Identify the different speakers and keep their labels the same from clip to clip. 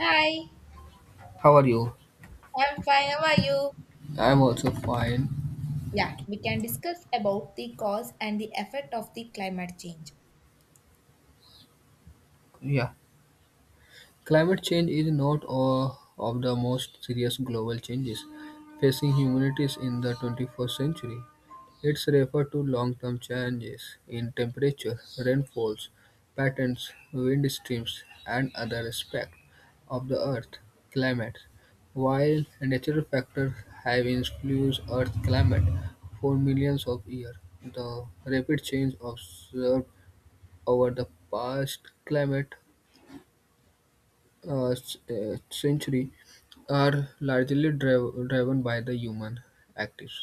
Speaker 1: Hi,
Speaker 2: How are you?
Speaker 1: I'm fine. How are you?
Speaker 2: I'm also fine.
Speaker 1: Yeah, we can discuss about the cause and the effect of the climate change.
Speaker 2: Yeah. Climate change is not all of the most serious global changes facing humanity in the 21st century. It's referred to long-term changes in temperature, rainfalls, patterns, wind streams, and other aspects of the Earth climate. While natural factors have influenced Earth climate for millions of years, the rapid change observed over the past climate century are largely driven by the human actives.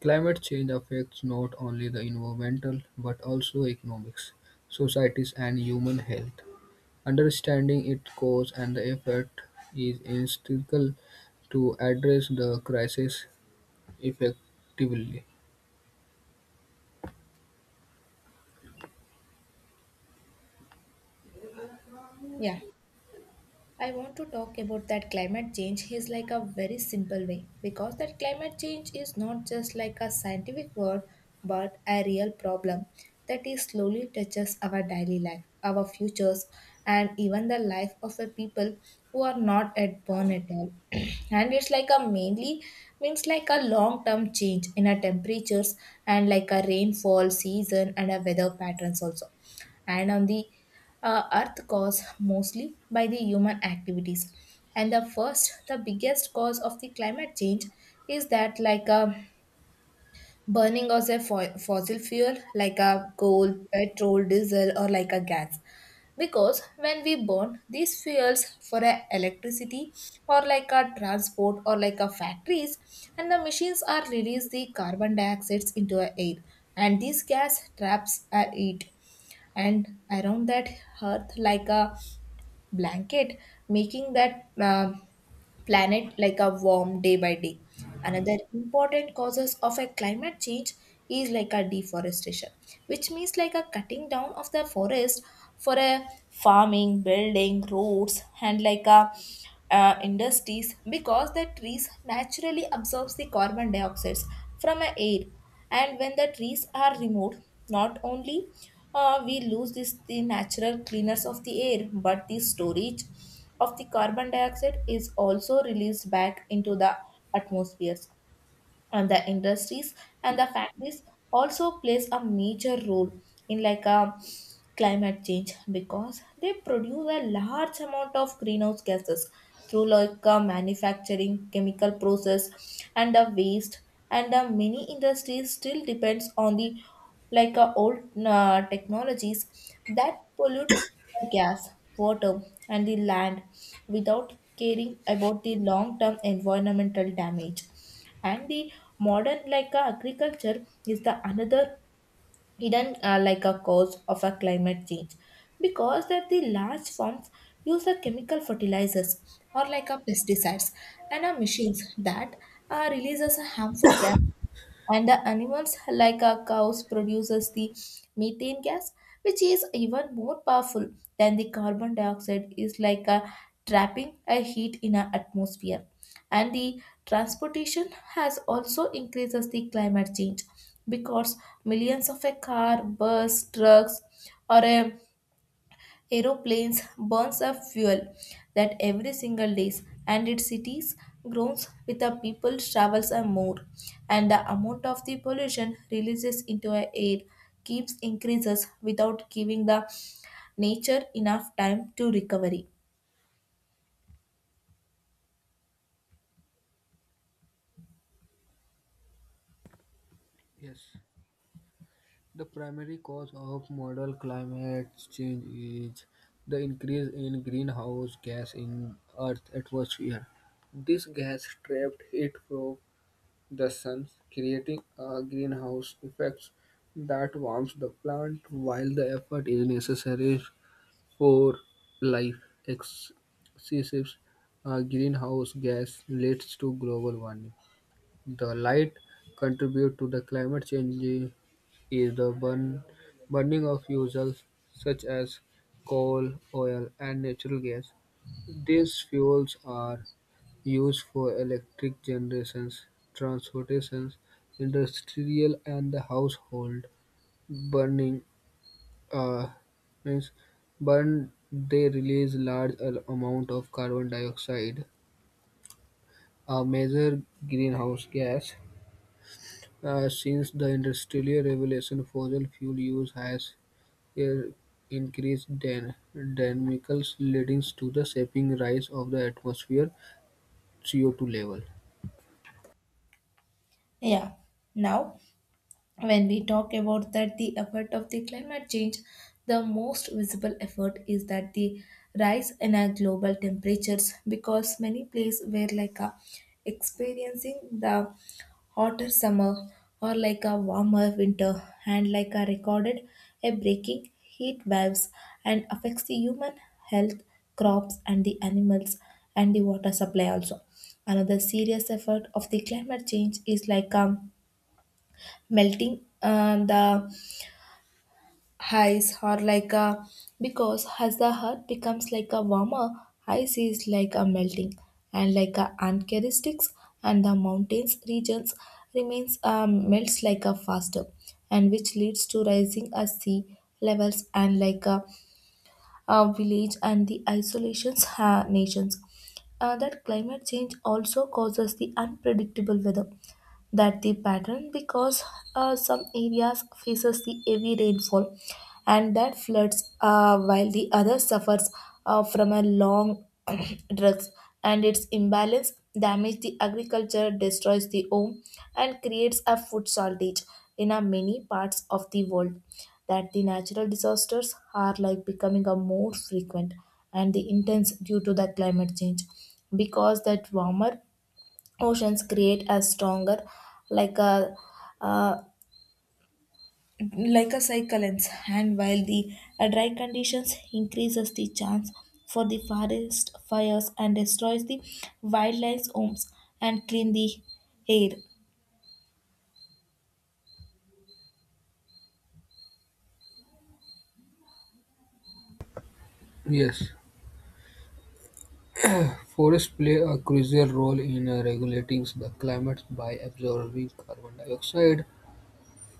Speaker 2: Climate change affects not only the environmental but also economics, societies, and human health. Understanding its cause and the effect is essential to address the crisis effectively.
Speaker 1: Yeah. I want to talk about that climate change is like a very simple way because that climate change is not just like a scientific word but a real problem that is slowly touches our daily life, our futures, and even the life of the people who are not at born at all. And it's like a mainly means like a long term change in our temperatures and like a rainfall season and a weather patterns also and on the earth, caused mostly by the human activities. And the first the biggest cause of the climate change is that like a burning of the fossil fuel like a coal, petrol, diesel, or like a gas, because when we burn these fuels for a electricity or like a transport or like a factories and the machines are release the carbon dioxides into the air. And these gas traps are it and around that earth like a blanket, making that planet like a warm day by day. Another important causes of a climate change is like a deforestation, which means like a cutting down of the forest for a farming, building, roads, and like a industries, because the trees naturally absorbs the carbon dioxide from a air. And when the trees are removed, not only we lose this the natural cleaners of the air but the storage of the carbon dioxide is also released back into the atmospheres. And the industries and the factories also plays a major role in like a climate change because they produce a large amount of greenhouse gases through like a manufacturing chemical process and the waste. And the many industries still depends on the like old technologies that pollute gas, water, and the land without caring about the long term environmental damage. And the modern like agriculture is the another hidden like a cause of a climate change because that the large farms use a chemical fertilizers or like a pesticides and a machines that releases a harmful gas. And the animals like our cows produces the methane gas, which is even more powerful than the carbon dioxide is like a trapping a heat in our atmosphere. And the transportation has also increases the climate change because millions of a car, bus, trucks, or a Aeroplanes burns up fuel that every single days, and its cities grows with the people travels and more, and the amount of the pollution releases into our air keeps increases without giving the nature enough time to recovery.
Speaker 2: Yes. The primary cause of modern climate change is the increase in greenhouse gas in Earth's atmosphere. This gas trapped heat from the sun, creating a greenhouse effect that warms the plant. While the effort is necessary for life, excessive greenhouse gas leads to global warming. The light contribute to the climate change is the burning of fuels such as coal, oil, and natural gas. These fuels are used for electric generation, transportations, industrial, and the household burning. Uh, Means burn they release large amount of carbon dioxide, a major greenhouse gas. Since the industrial revolution, fossil fuel use has air increased dynamics leading to the shaping rise of the atmosphere CO2 level.
Speaker 1: Yeah. Now, when we talk about that the effect of the climate change, the most visible effort is that the rise in our global temperatures, because many places were like a experiencing the hotter summer or like a warmer winter, and like a recorded a breaking heat waves and affects the human health, crops, and the animals and the water supply also. Another serious effort of the climate change is like melting the ice or like a, because as the heart becomes like a warmer, ice is like a melting and like a uncharacteristics, and the mountains regions remains melts like a faster, and which leads to rising a sea levels and like a village and the isolations nations. That climate change also causes the unpredictable weather that the pattern because some areas faces the heavy rainfall and that floods, while the other suffers from a long drought, and its imbalance damage the agriculture, destroys the home, and creates a food shortage in a many parts of the world. That the natural disasters are like becoming a more frequent and the intense due to the climate change because that warmer oceans create a stronger like a uh, like a cyclones, and while the dry conditions increases the chance for the forest fires and destroys the wildlife homes and clean the air.
Speaker 2: Yes, forests play a crucial role in regulating the climate by absorbing carbon dioxide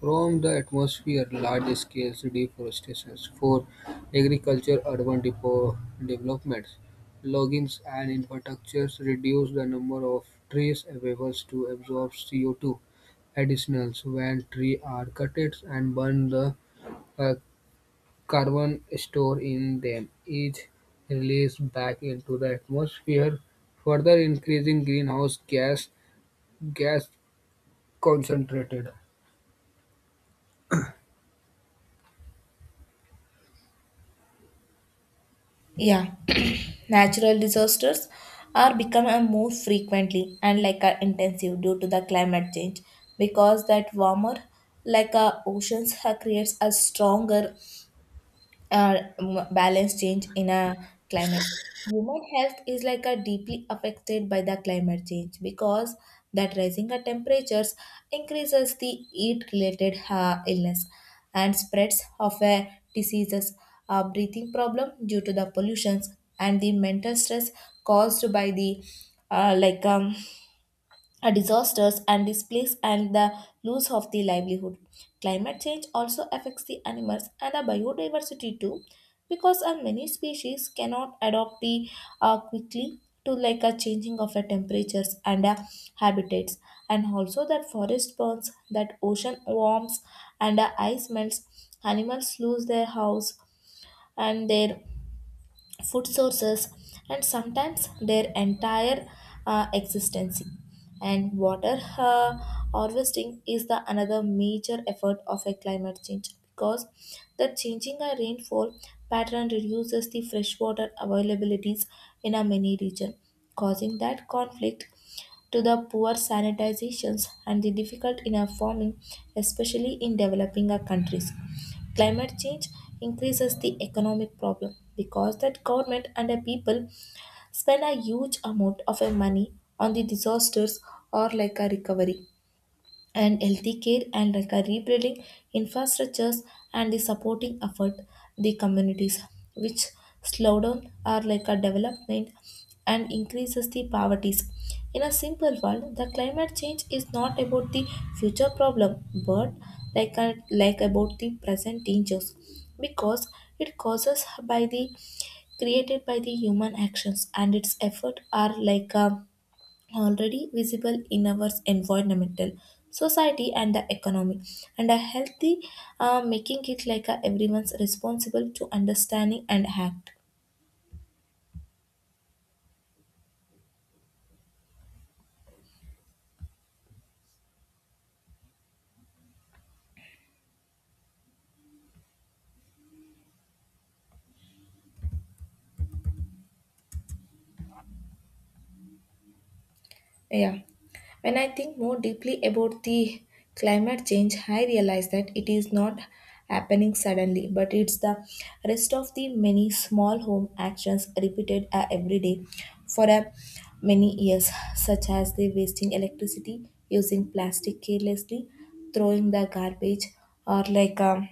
Speaker 2: from the atmosphere. Large-scale deforestation for agriculture, urban developments, loggings, and infrastructures reduce the number of trees available to absorb CO2. Additionally, when trees are cut and burned, the uh, carbon stored in them is released back into the atmosphere, further increasing greenhouse gas concentrated.
Speaker 1: Yeah. Natural disasters are becoming more frequently and like a intensive due to the climate change because that warmer like a oceans creates a stronger balance change in a climate. Human health is like a deeply affected by the climate change because that rising of temperatures increases the heat-related illness and spreads of a diseases, breathing problem due to the pollutions and the mental stress caused by the like a disasters and displace and the loss of the livelihood. Climate change also affects the animals and the biodiversity too, because many species cannot adapt the quickly to like a changing of the temperatures and habitats, and also that forest burns, that ocean warms, and ice melts. Animals lose their house and their food sources and sometimes their entire existence. And water harvesting is the another major effort of a climate change because the changing a rainfall pattern reduces the freshwater availabilities in a many region, causing that conflict to the poor sanitizations and the difficult in a farming, especially in developing a countries. Climate change increases the economic problem because that government and the people spend a huge amount of money on the disasters or like a recovery and healthy care and like a rebuilding infrastructures and the supporting effort the communities, which slow down are like a development and increases the poverties. In a simple world, the climate change is not about the future problem but like a, like about the present dangers, because it causes by the created by the human actions and its effort are like a already visible in our environmental society and the economy and a healthy, making it like a everyone's responsible to understanding and act. Yeah. When I think more deeply about the climate change, I realize that it is not happening suddenly, but it's the rest of the many small home actions repeated every day for many years, such as the wasting electricity, using plastic carelessly, throwing the garbage, or like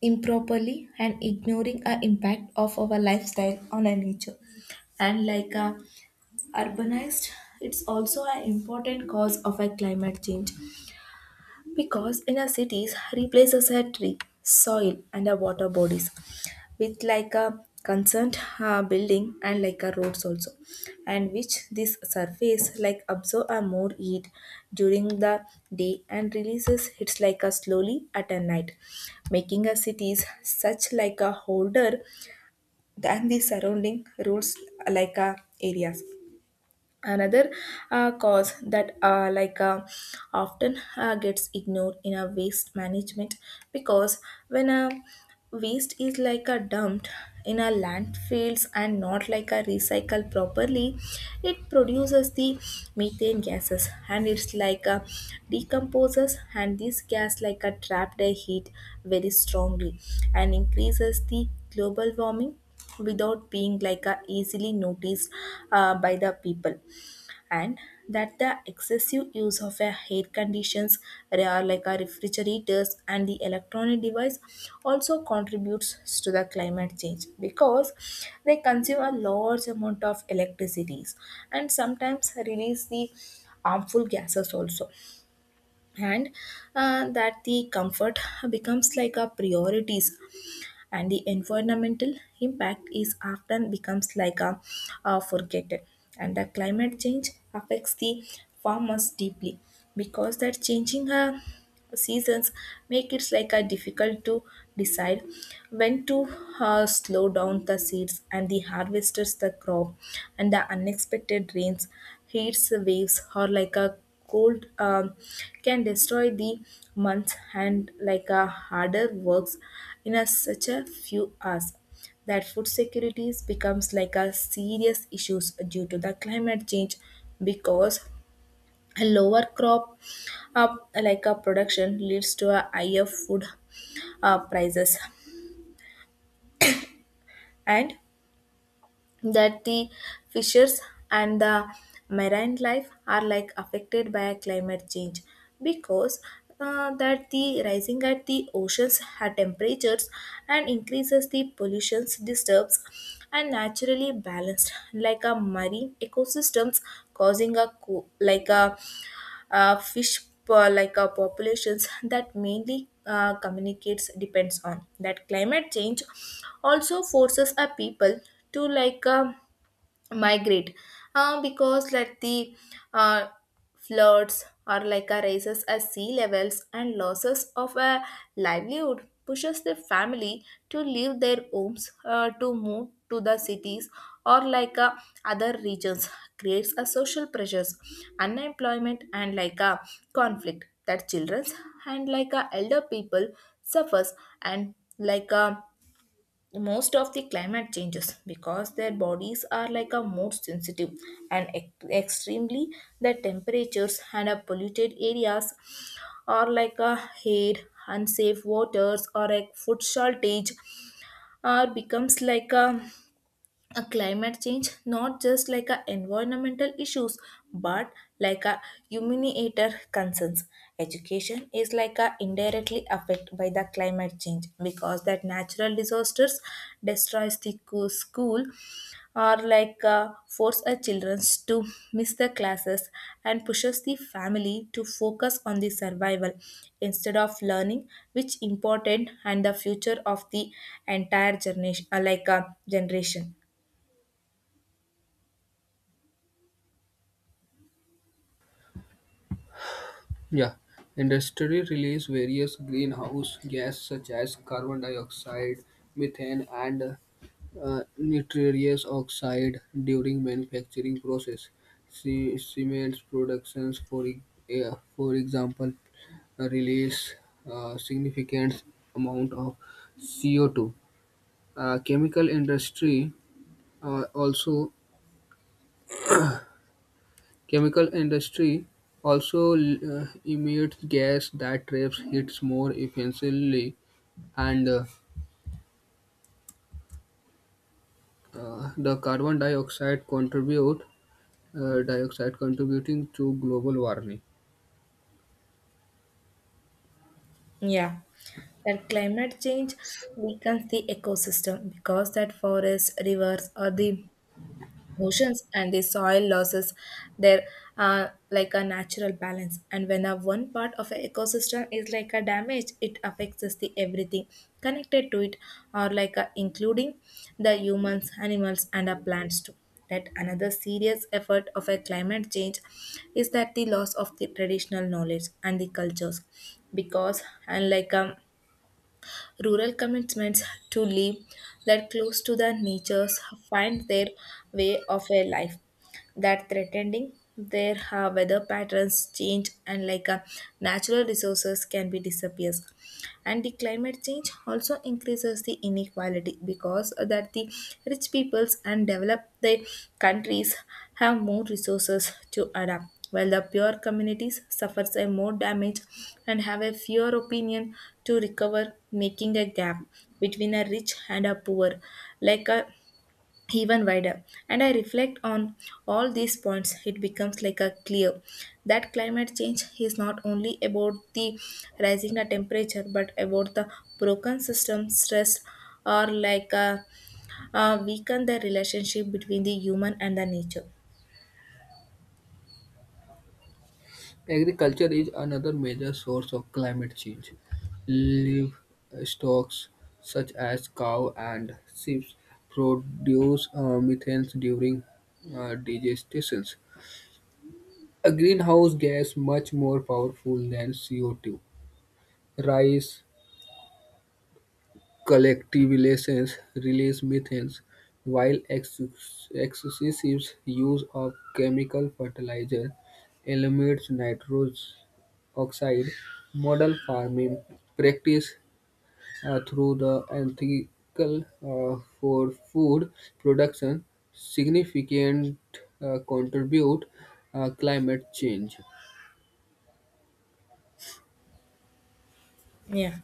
Speaker 1: improperly, and ignoring a impact of our lifestyle on our nature. And like urbanized, it's also an important cause of a climate change because in our cities replaces a tree soil and our water bodies with like a concerned building and like a roads also, and which this surface like absorb a more heat during the day and releases it's like a slowly at a night, making our cities such like a holder than the surrounding roads like a areas. Another cause that like often gets ignored in a waste management because when a waste is like a dumped in a landfills and not like a recycle properly, it produces the methane gases, and it's like a decomposes and this gas like a trapped a heat very strongly and increases the global warming without being like a easily noticed by the people. And that the excessive use of a air conditions are like our refrigerators and the electronic device also contributes to the climate change because they consume a large amount of electricities and sometimes release the harmful gases also. And that the comfort becomes like a priorities and the environmental impact is often becomes like a, forgotten. And the climate change affects the farmers deeply because that changing seasons make it like a difficult to decide when to slow down the seeds and the harvesters the crop, and the unexpected rains, heats waves, or like a cold can destroy the months and like a harder works in a such a few hours. That food security becomes like a serious issue due to the climate change because a lower crop up like a production leads to a higher food prices. And that the fishers and the marine life are like affected by climate change because that the rising at the oceans at temperatures and increases the pollutions disturbs and naturally balanced like a marine ecosystems, causing a like a, fish like a populations that mainly communicates depends on that climate change also forces a people to like a migrate, because like the uh, floods or like a rises as sea levels and losses of a livelihood pushes the family to leave their homes, to move to the cities or like a other regions, creates a social pressures, unemployment, and like a conflict. That children and like a elder people suffers and like a most of the climate changes because their bodies are like a more sensitive and extremely the temperatures and a polluted areas are like a heat, unsafe waters, or a food shortage, or becomes like a climate change not just like a environmental issues but like a humaniator concerns. Education is like a indirectly affected by the climate change because that natural disasters destroys the school or like force a children to miss the classes, and pushes the family to focus on the survival instead of learning which important and the future of the entire generation generation.
Speaker 2: Yeah, industry release various greenhouse gases such as carbon dioxide, methane, and nitrous oxide during manufacturing process. Cement productions, for example, release significant amount of CO2. Uh, chemical industry uh, also Chemical industry also emits gas that traps heat more efficiently and the carbon dioxide contribute dioxide contributing to global warming.
Speaker 1: Yeah, that climate change weakens the ecosystem because that forests, rivers, or the oceans and the soil losses there are like a natural balance, and when a one part of an ecosystem is like a damage it affects us the everything connected to it or like a, including the humans animals and our plants too. That another serious effort of a climate change is that the loss of the traditional knowledge and the cultures because unlike rural commitments to live that close to the natures find their way of a life that threatening their weather patterns change and like natural resources can be disappears. And the climate change also increases the inequality because that the rich peoples and developed the countries have more resources to adapt, while the poor communities suffers a more damage and have a fewer opinion to recover, making a gap between a rich and a poor like a even wider. And I reflect on all these points, it becomes like a clear that climate change is not only about the rising a temperature but about the broken system stress or like a, weaken the relationship between the human and the nature.
Speaker 2: Agriculture is another major source of climate change. Livestock such as cow and sheep produce methane during digestion, a greenhouse gas much more powerful than CO2. Rice, Collectivizations release methane, while excessive use of chemical fertilizer eliminates nitrogen oxide. Model farming practice through the ethical for food production significant contribute climate change.
Speaker 1: Yeah.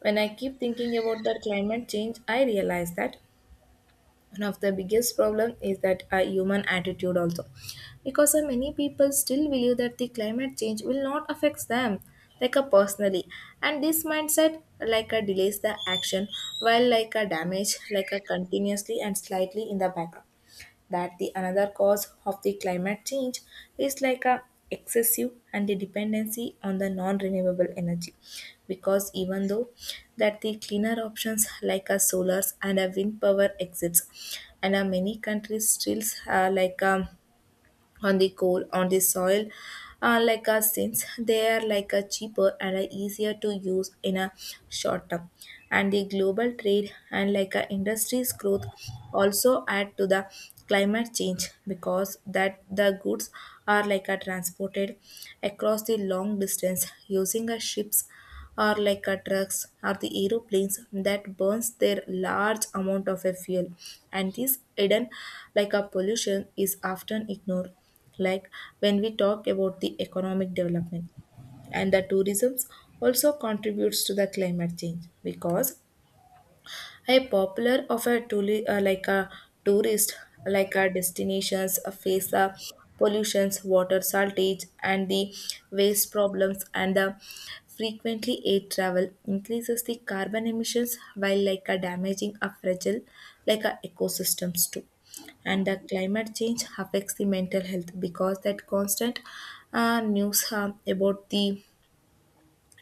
Speaker 1: When I keep thinking about the climate change, I realize that one of the biggest problem is that a human attitude also, because many people still believe that the climate change will not affect them like a personally, and this mindset like a delays the action while like a damage like a continuously and slightly in the background. That the another cause of the climate change is like a excessive and the dependency on the non-renewable energy, because even though that the cleaner options like a solars and a wind power exists, and many countries still uh, like um, on the coal on the soil, like a since they are like a cheaper and a easier to use in a short term. And the global trade and like a industries growth also add to the climate change, because that the goods are like a transported across the long distance using a ships or like a trucks or the aeroplanes that burns their large amount of a fuel, and this hidden like a pollution is often ignored like when we talk about the economic development. And the tourism also contributes to the climate change because a popular of a tourist like our destinations face the pollutions water shortage and the waste problems, and the frequently air travel increases the carbon emissions while like a damaging a fragile like a ecosystems too. And the climate change affects the mental health because that constant news about the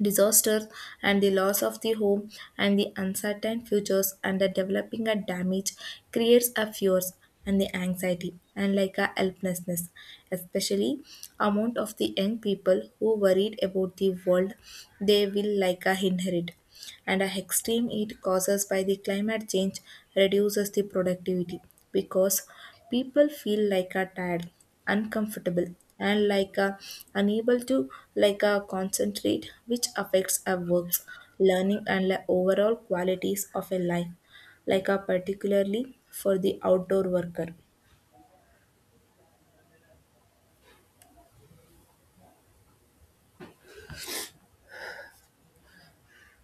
Speaker 1: disasters and the loss of the home and the uncertain futures and the developing a damage creates a fears and the anxiety and like a helplessness, especially amount of the young people who worried about the world they will like a inherit. And a extreme heat causes by the climate change reduces the productivity because people feel like a tired, uncomfortable, and like a unable to like a concentrate, which affects our works learning and the overall qualities of a life like a particularly for the outdoor worker.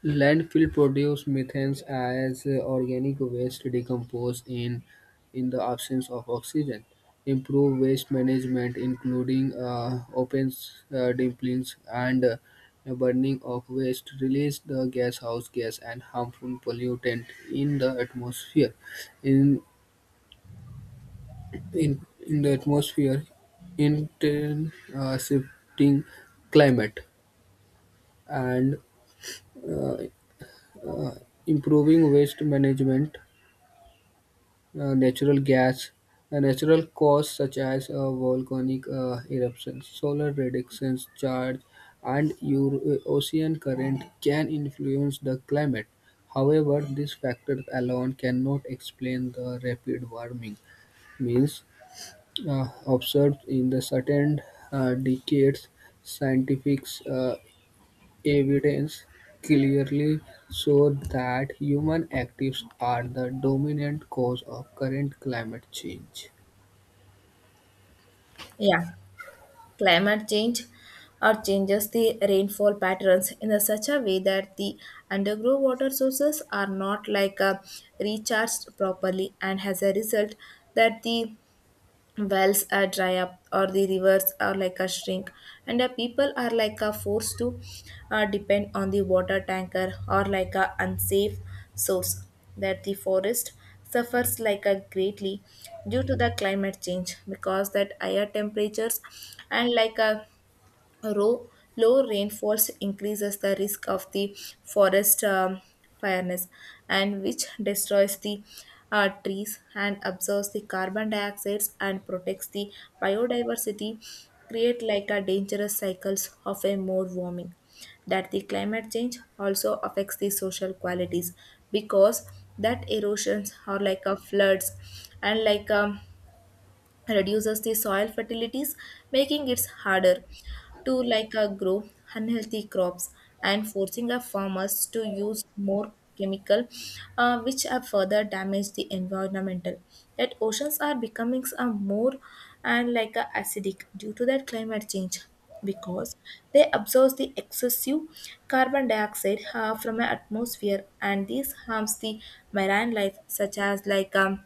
Speaker 2: Landfill produce methane as organic waste decompose in the absence of oxygen. Improve waste management, including open dumplings and burning of waste, release the gaseous gas and harmful pollutant in the atmosphere. In in in the atmosphere, intense shifting climate and uh, uh, improving waste management natural gas, natural causes such as volcanic eruptions, solar radiation charge, and ocean current can influence the climate. However, these factors alone cannot explain the rapid warming. Means observed in the certain decades, scientists evidence clearly shows that human activities are the dominant cause of current climate change.
Speaker 1: Yeah, climate change or changes the rainfall patterns in a such a way that the underground water sources are not like a recharged properly, and as a result that the wells are dry up or the rivers are like a shrink, and the people are like a forced to depend on the water tanker or like a unsafe source. That the forest suffers like a greatly due to the climate change because that higher temperatures and like a Low low rainfalls increases the risk of the forest fires, and which destroys the trees and absorbs the carbon dioxide and protects the biodiversity, create like a dangerous cycles of a more warming. That the climate change also affects the social qualities because that erosions are like a floods and like a reduces the soil fertilities, making it harder to like grow unhealthy crops, and forcing our farmers to use more chemical which have further damaged the environmental. Yet oceans are becoming a more and like a acidic due to that climate change because they absorb the excessive carbon dioxide from the atmosphere, and this harms the marine life such as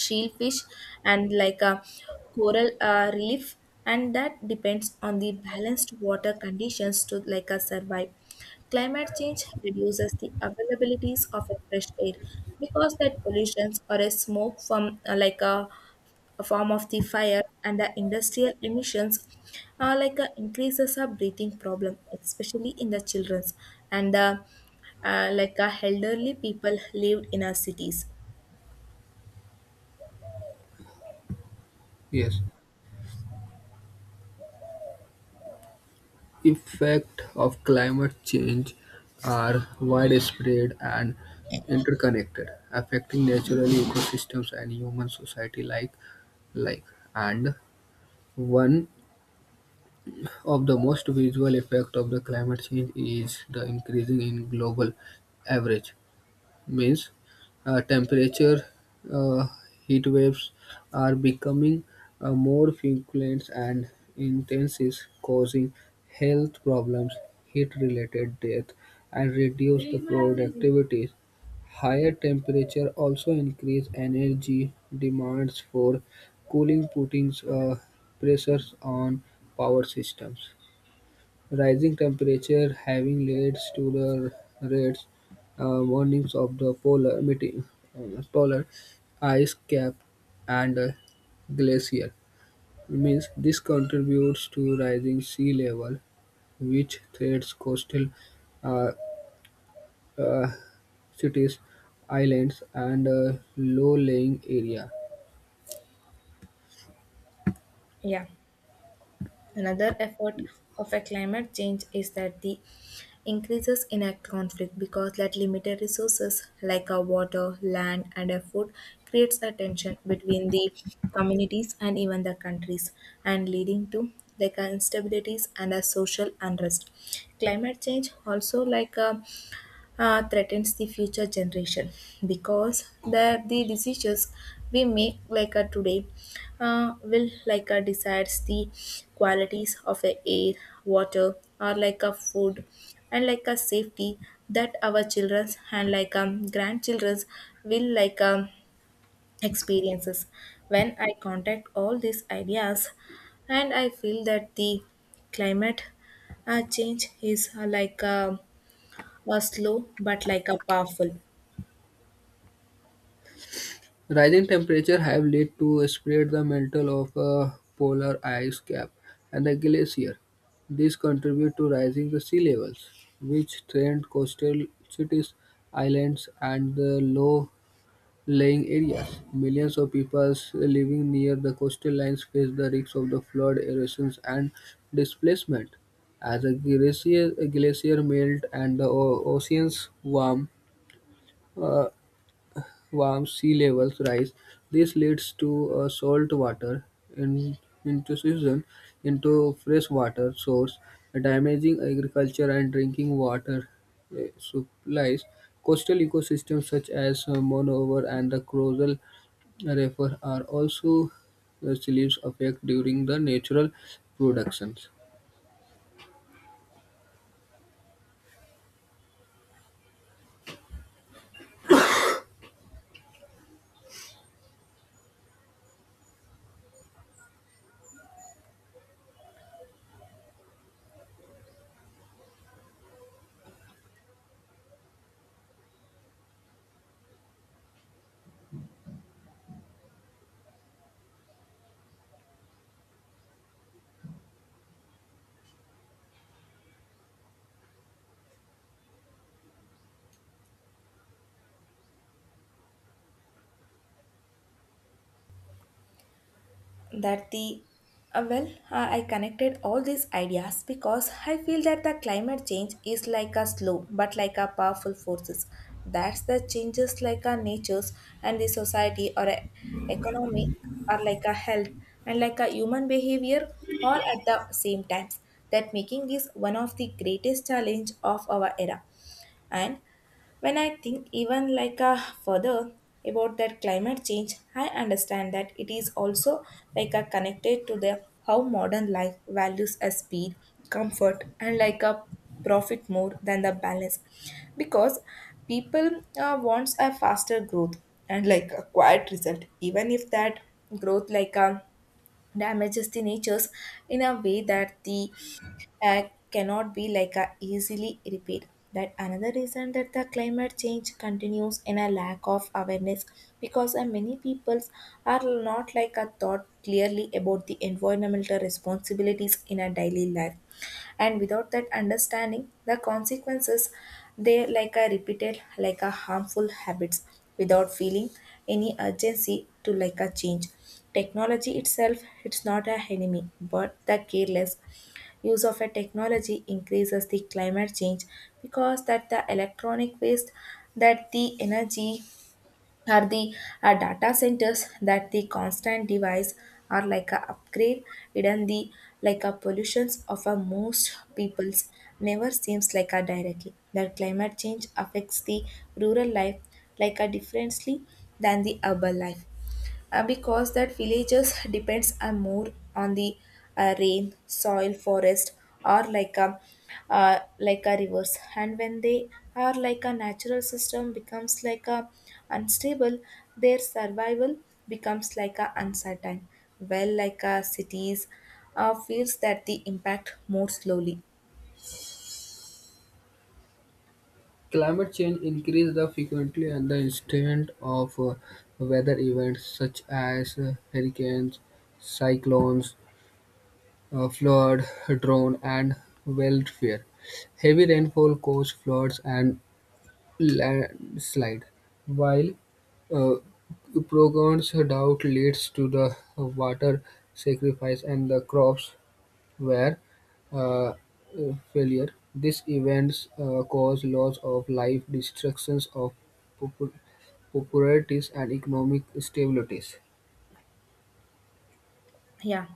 Speaker 1: shellfish and like a coral reef and that depends on the balanced water conditions to like a survive. Climate change reduces the availabilities of a fresh air because that pollutions or a smoke from a form of the fire and the industrial emissions like a increases a breathing problem especially in the children's and the like a elderly people lived in our cities.
Speaker 2: Yes, effects of climate change are widespread and interconnected, affecting natural ecosystems and human society like and one of the most visual effects of the climate change is the increasing in global average means temperature. Uh, heat waves are becoming more frequent and intense, is causing health problems, heat-related death, and reduce the productivity. Higher temperature also increase energy demands for cooling, putting pressures on power systems. Rising temperature having led to the red warnings of the polar meeting, polar ice cap and glacier. Means this contributes to rising sea level, which threatens coastal uh, uh, cities, islands, and low-lying area.
Speaker 1: Yeah, another effort of a climate change is that the increases in a conflict because that limited resources like a water, land, and a food creates a tension between the communities and even the countries, and leading to like a instabilities and a social unrest. Climate change also like a threatens the future generation because the decisions we make like a today will like a decides the qualities of the air, water, or like a food, and like a safety that our children's and grandchildren's will experiences. When I contact all these ideas and I feel that the climate change is like a was slow but like a powerful.
Speaker 2: Rising temperatures have led to spread the mantle of a polar ice cap and the glacier. This contribute to rising the sea levels, which threaten coastal cities, islands, and the low-lying areas. Millions of people living near the coastal lines face the risks of the flood, erosions, and displacement. A glacier melt and the oceans warm, uh, warm sea levels rise. This leads to salt water in, intrusion into freshwater source, damaging agriculture and drinking water supplies. Coastal ecosystems such as Monover and the Crozal River are also reliefs affect during the natural productions.
Speaker 1: That the uh, well I connected all these ideas because I feel that the climate change is like a slow but like a powerful forces that's the changes like our natures and the society or a economy or like a health and like a human behavior all at the same times, that making this one of the greatest challenge of our era. And when I think even like a further about that climate change, I understand that it is also like a connected to the how modern life values a speed, comfort, and like a profit more than the balance, because people wants a faster growth and like a quiet result, even if that growth like a damages the natures in a way that the uh, cannot be like a easily repeat. That another reason that the climate change continues in a lack of awareness because many peoples are not like a thought clearly about the environmental responsibilities in a daily life, and without that understanding the consequences they like a repeated like a harmful habits without feeling any urgency to like a change. Technology itself it's not a enemy, but the careless use of a technology increases the climate change because that the electronic waste, that the energy or the data centers, that the constant device are like a upgrade hidden the like a pollutions of a most peoples never seems like a directly. That climate change affects the rural life like a differently than the urban life, because that villages depends more on the rain, soil, forest, or like a rivers. And when they are like a natural system becomes like a unstable, their survival becomes like a uncertain. Well, like a cities feels that the impact more slowly.
Speaker 2: Climate change increases the frequency and the intensity of weather events such as hurricanes, cyclones, flood, drought, and wildfire. Heavy rainfall causes floods and landslide, while uh, prolonged drought leads to the water sacrifice and the crops where failure, these events cause loss of life, destructions of properties and economic stabilities.
Speaker 1: Yeah,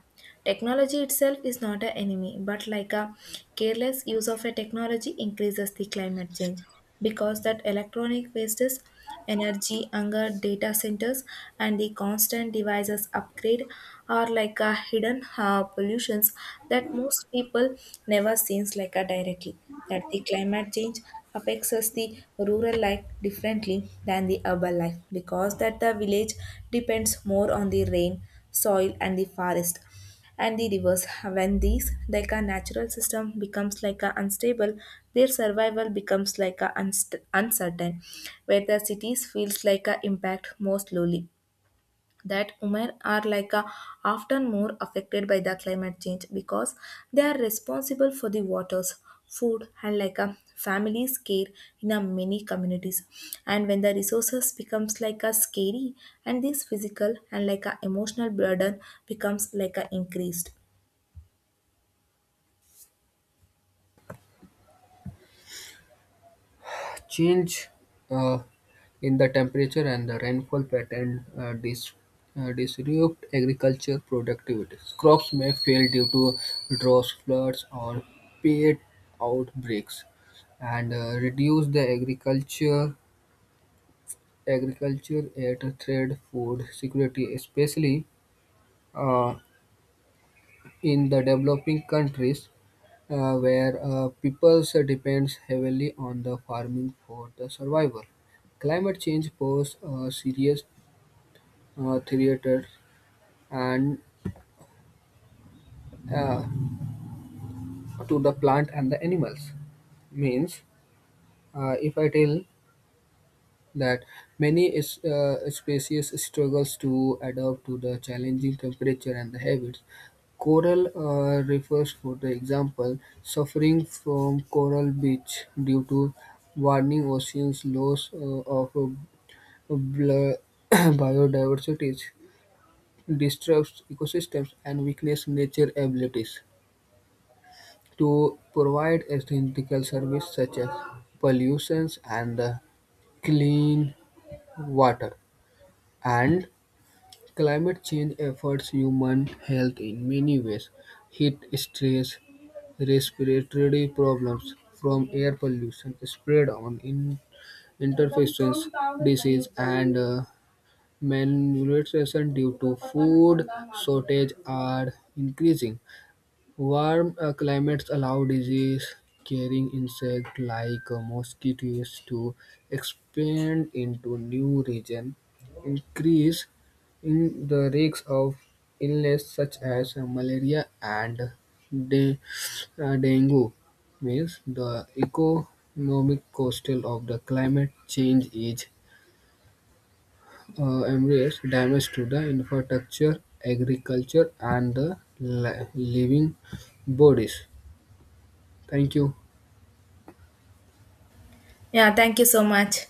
Speaker 1: technology itself is not an enemy, but like a careless use of a technology increases the climate change because that electronic wastes energy hunger data centers and the constant devices upgrade are like a hidden pollutions that most people never sees like a directly. That the climate change affects us the rural life differently than the urban life because that the village depends more on the rain, soil, and the forest and the rivers. When these, like a natural system, becomes like a unstable, their survival becomes like a uncertain, where the cities feels like a impact more slowly. That women are like a, often more affected by the climate change because they are responsible for the waters, food, and like a family's care in a many communities, and when the resources becomes like a scary and this physical and like a emotional burden becomes like a increased.
Speaker 2: Change uh, in the temperature and the rainfall pattern disrupt agriculture productivity. Crops may fail due to droughts, floods, or pest outbreaks, and reduce the agriculture aids trade food security, especially uh, in the developing countries where peoples depends heavily on the farming for the survival. Climate change poses a serious threat and uh, to the plant and the animals. Means, if I tell that many species struggles to adapt to the challenging temperature and the habits. Coral refers, for the example, suffering from coral bleach due to warming oceans, loss of bl- biodiversity, disrupts ecosystems, and weakness nature abilities to provide essential services such as pollutions and clean water. And Climate change affects human health in many ways. Heat stress, respiratory problems from air pollution, spread on in interfaces, disease, and malnutrition due to food shortage are increasing. Warm climates allow disease-carrying insects like mosquitoes to expand into new regions, increase in the risk of illness such as malaria and de- dengue. Means the economic cost of the climate change is immense damage to the infrastructure, agriculture, and the living bodies. Thank you.
Speaker 1: Yeah, thank you so much.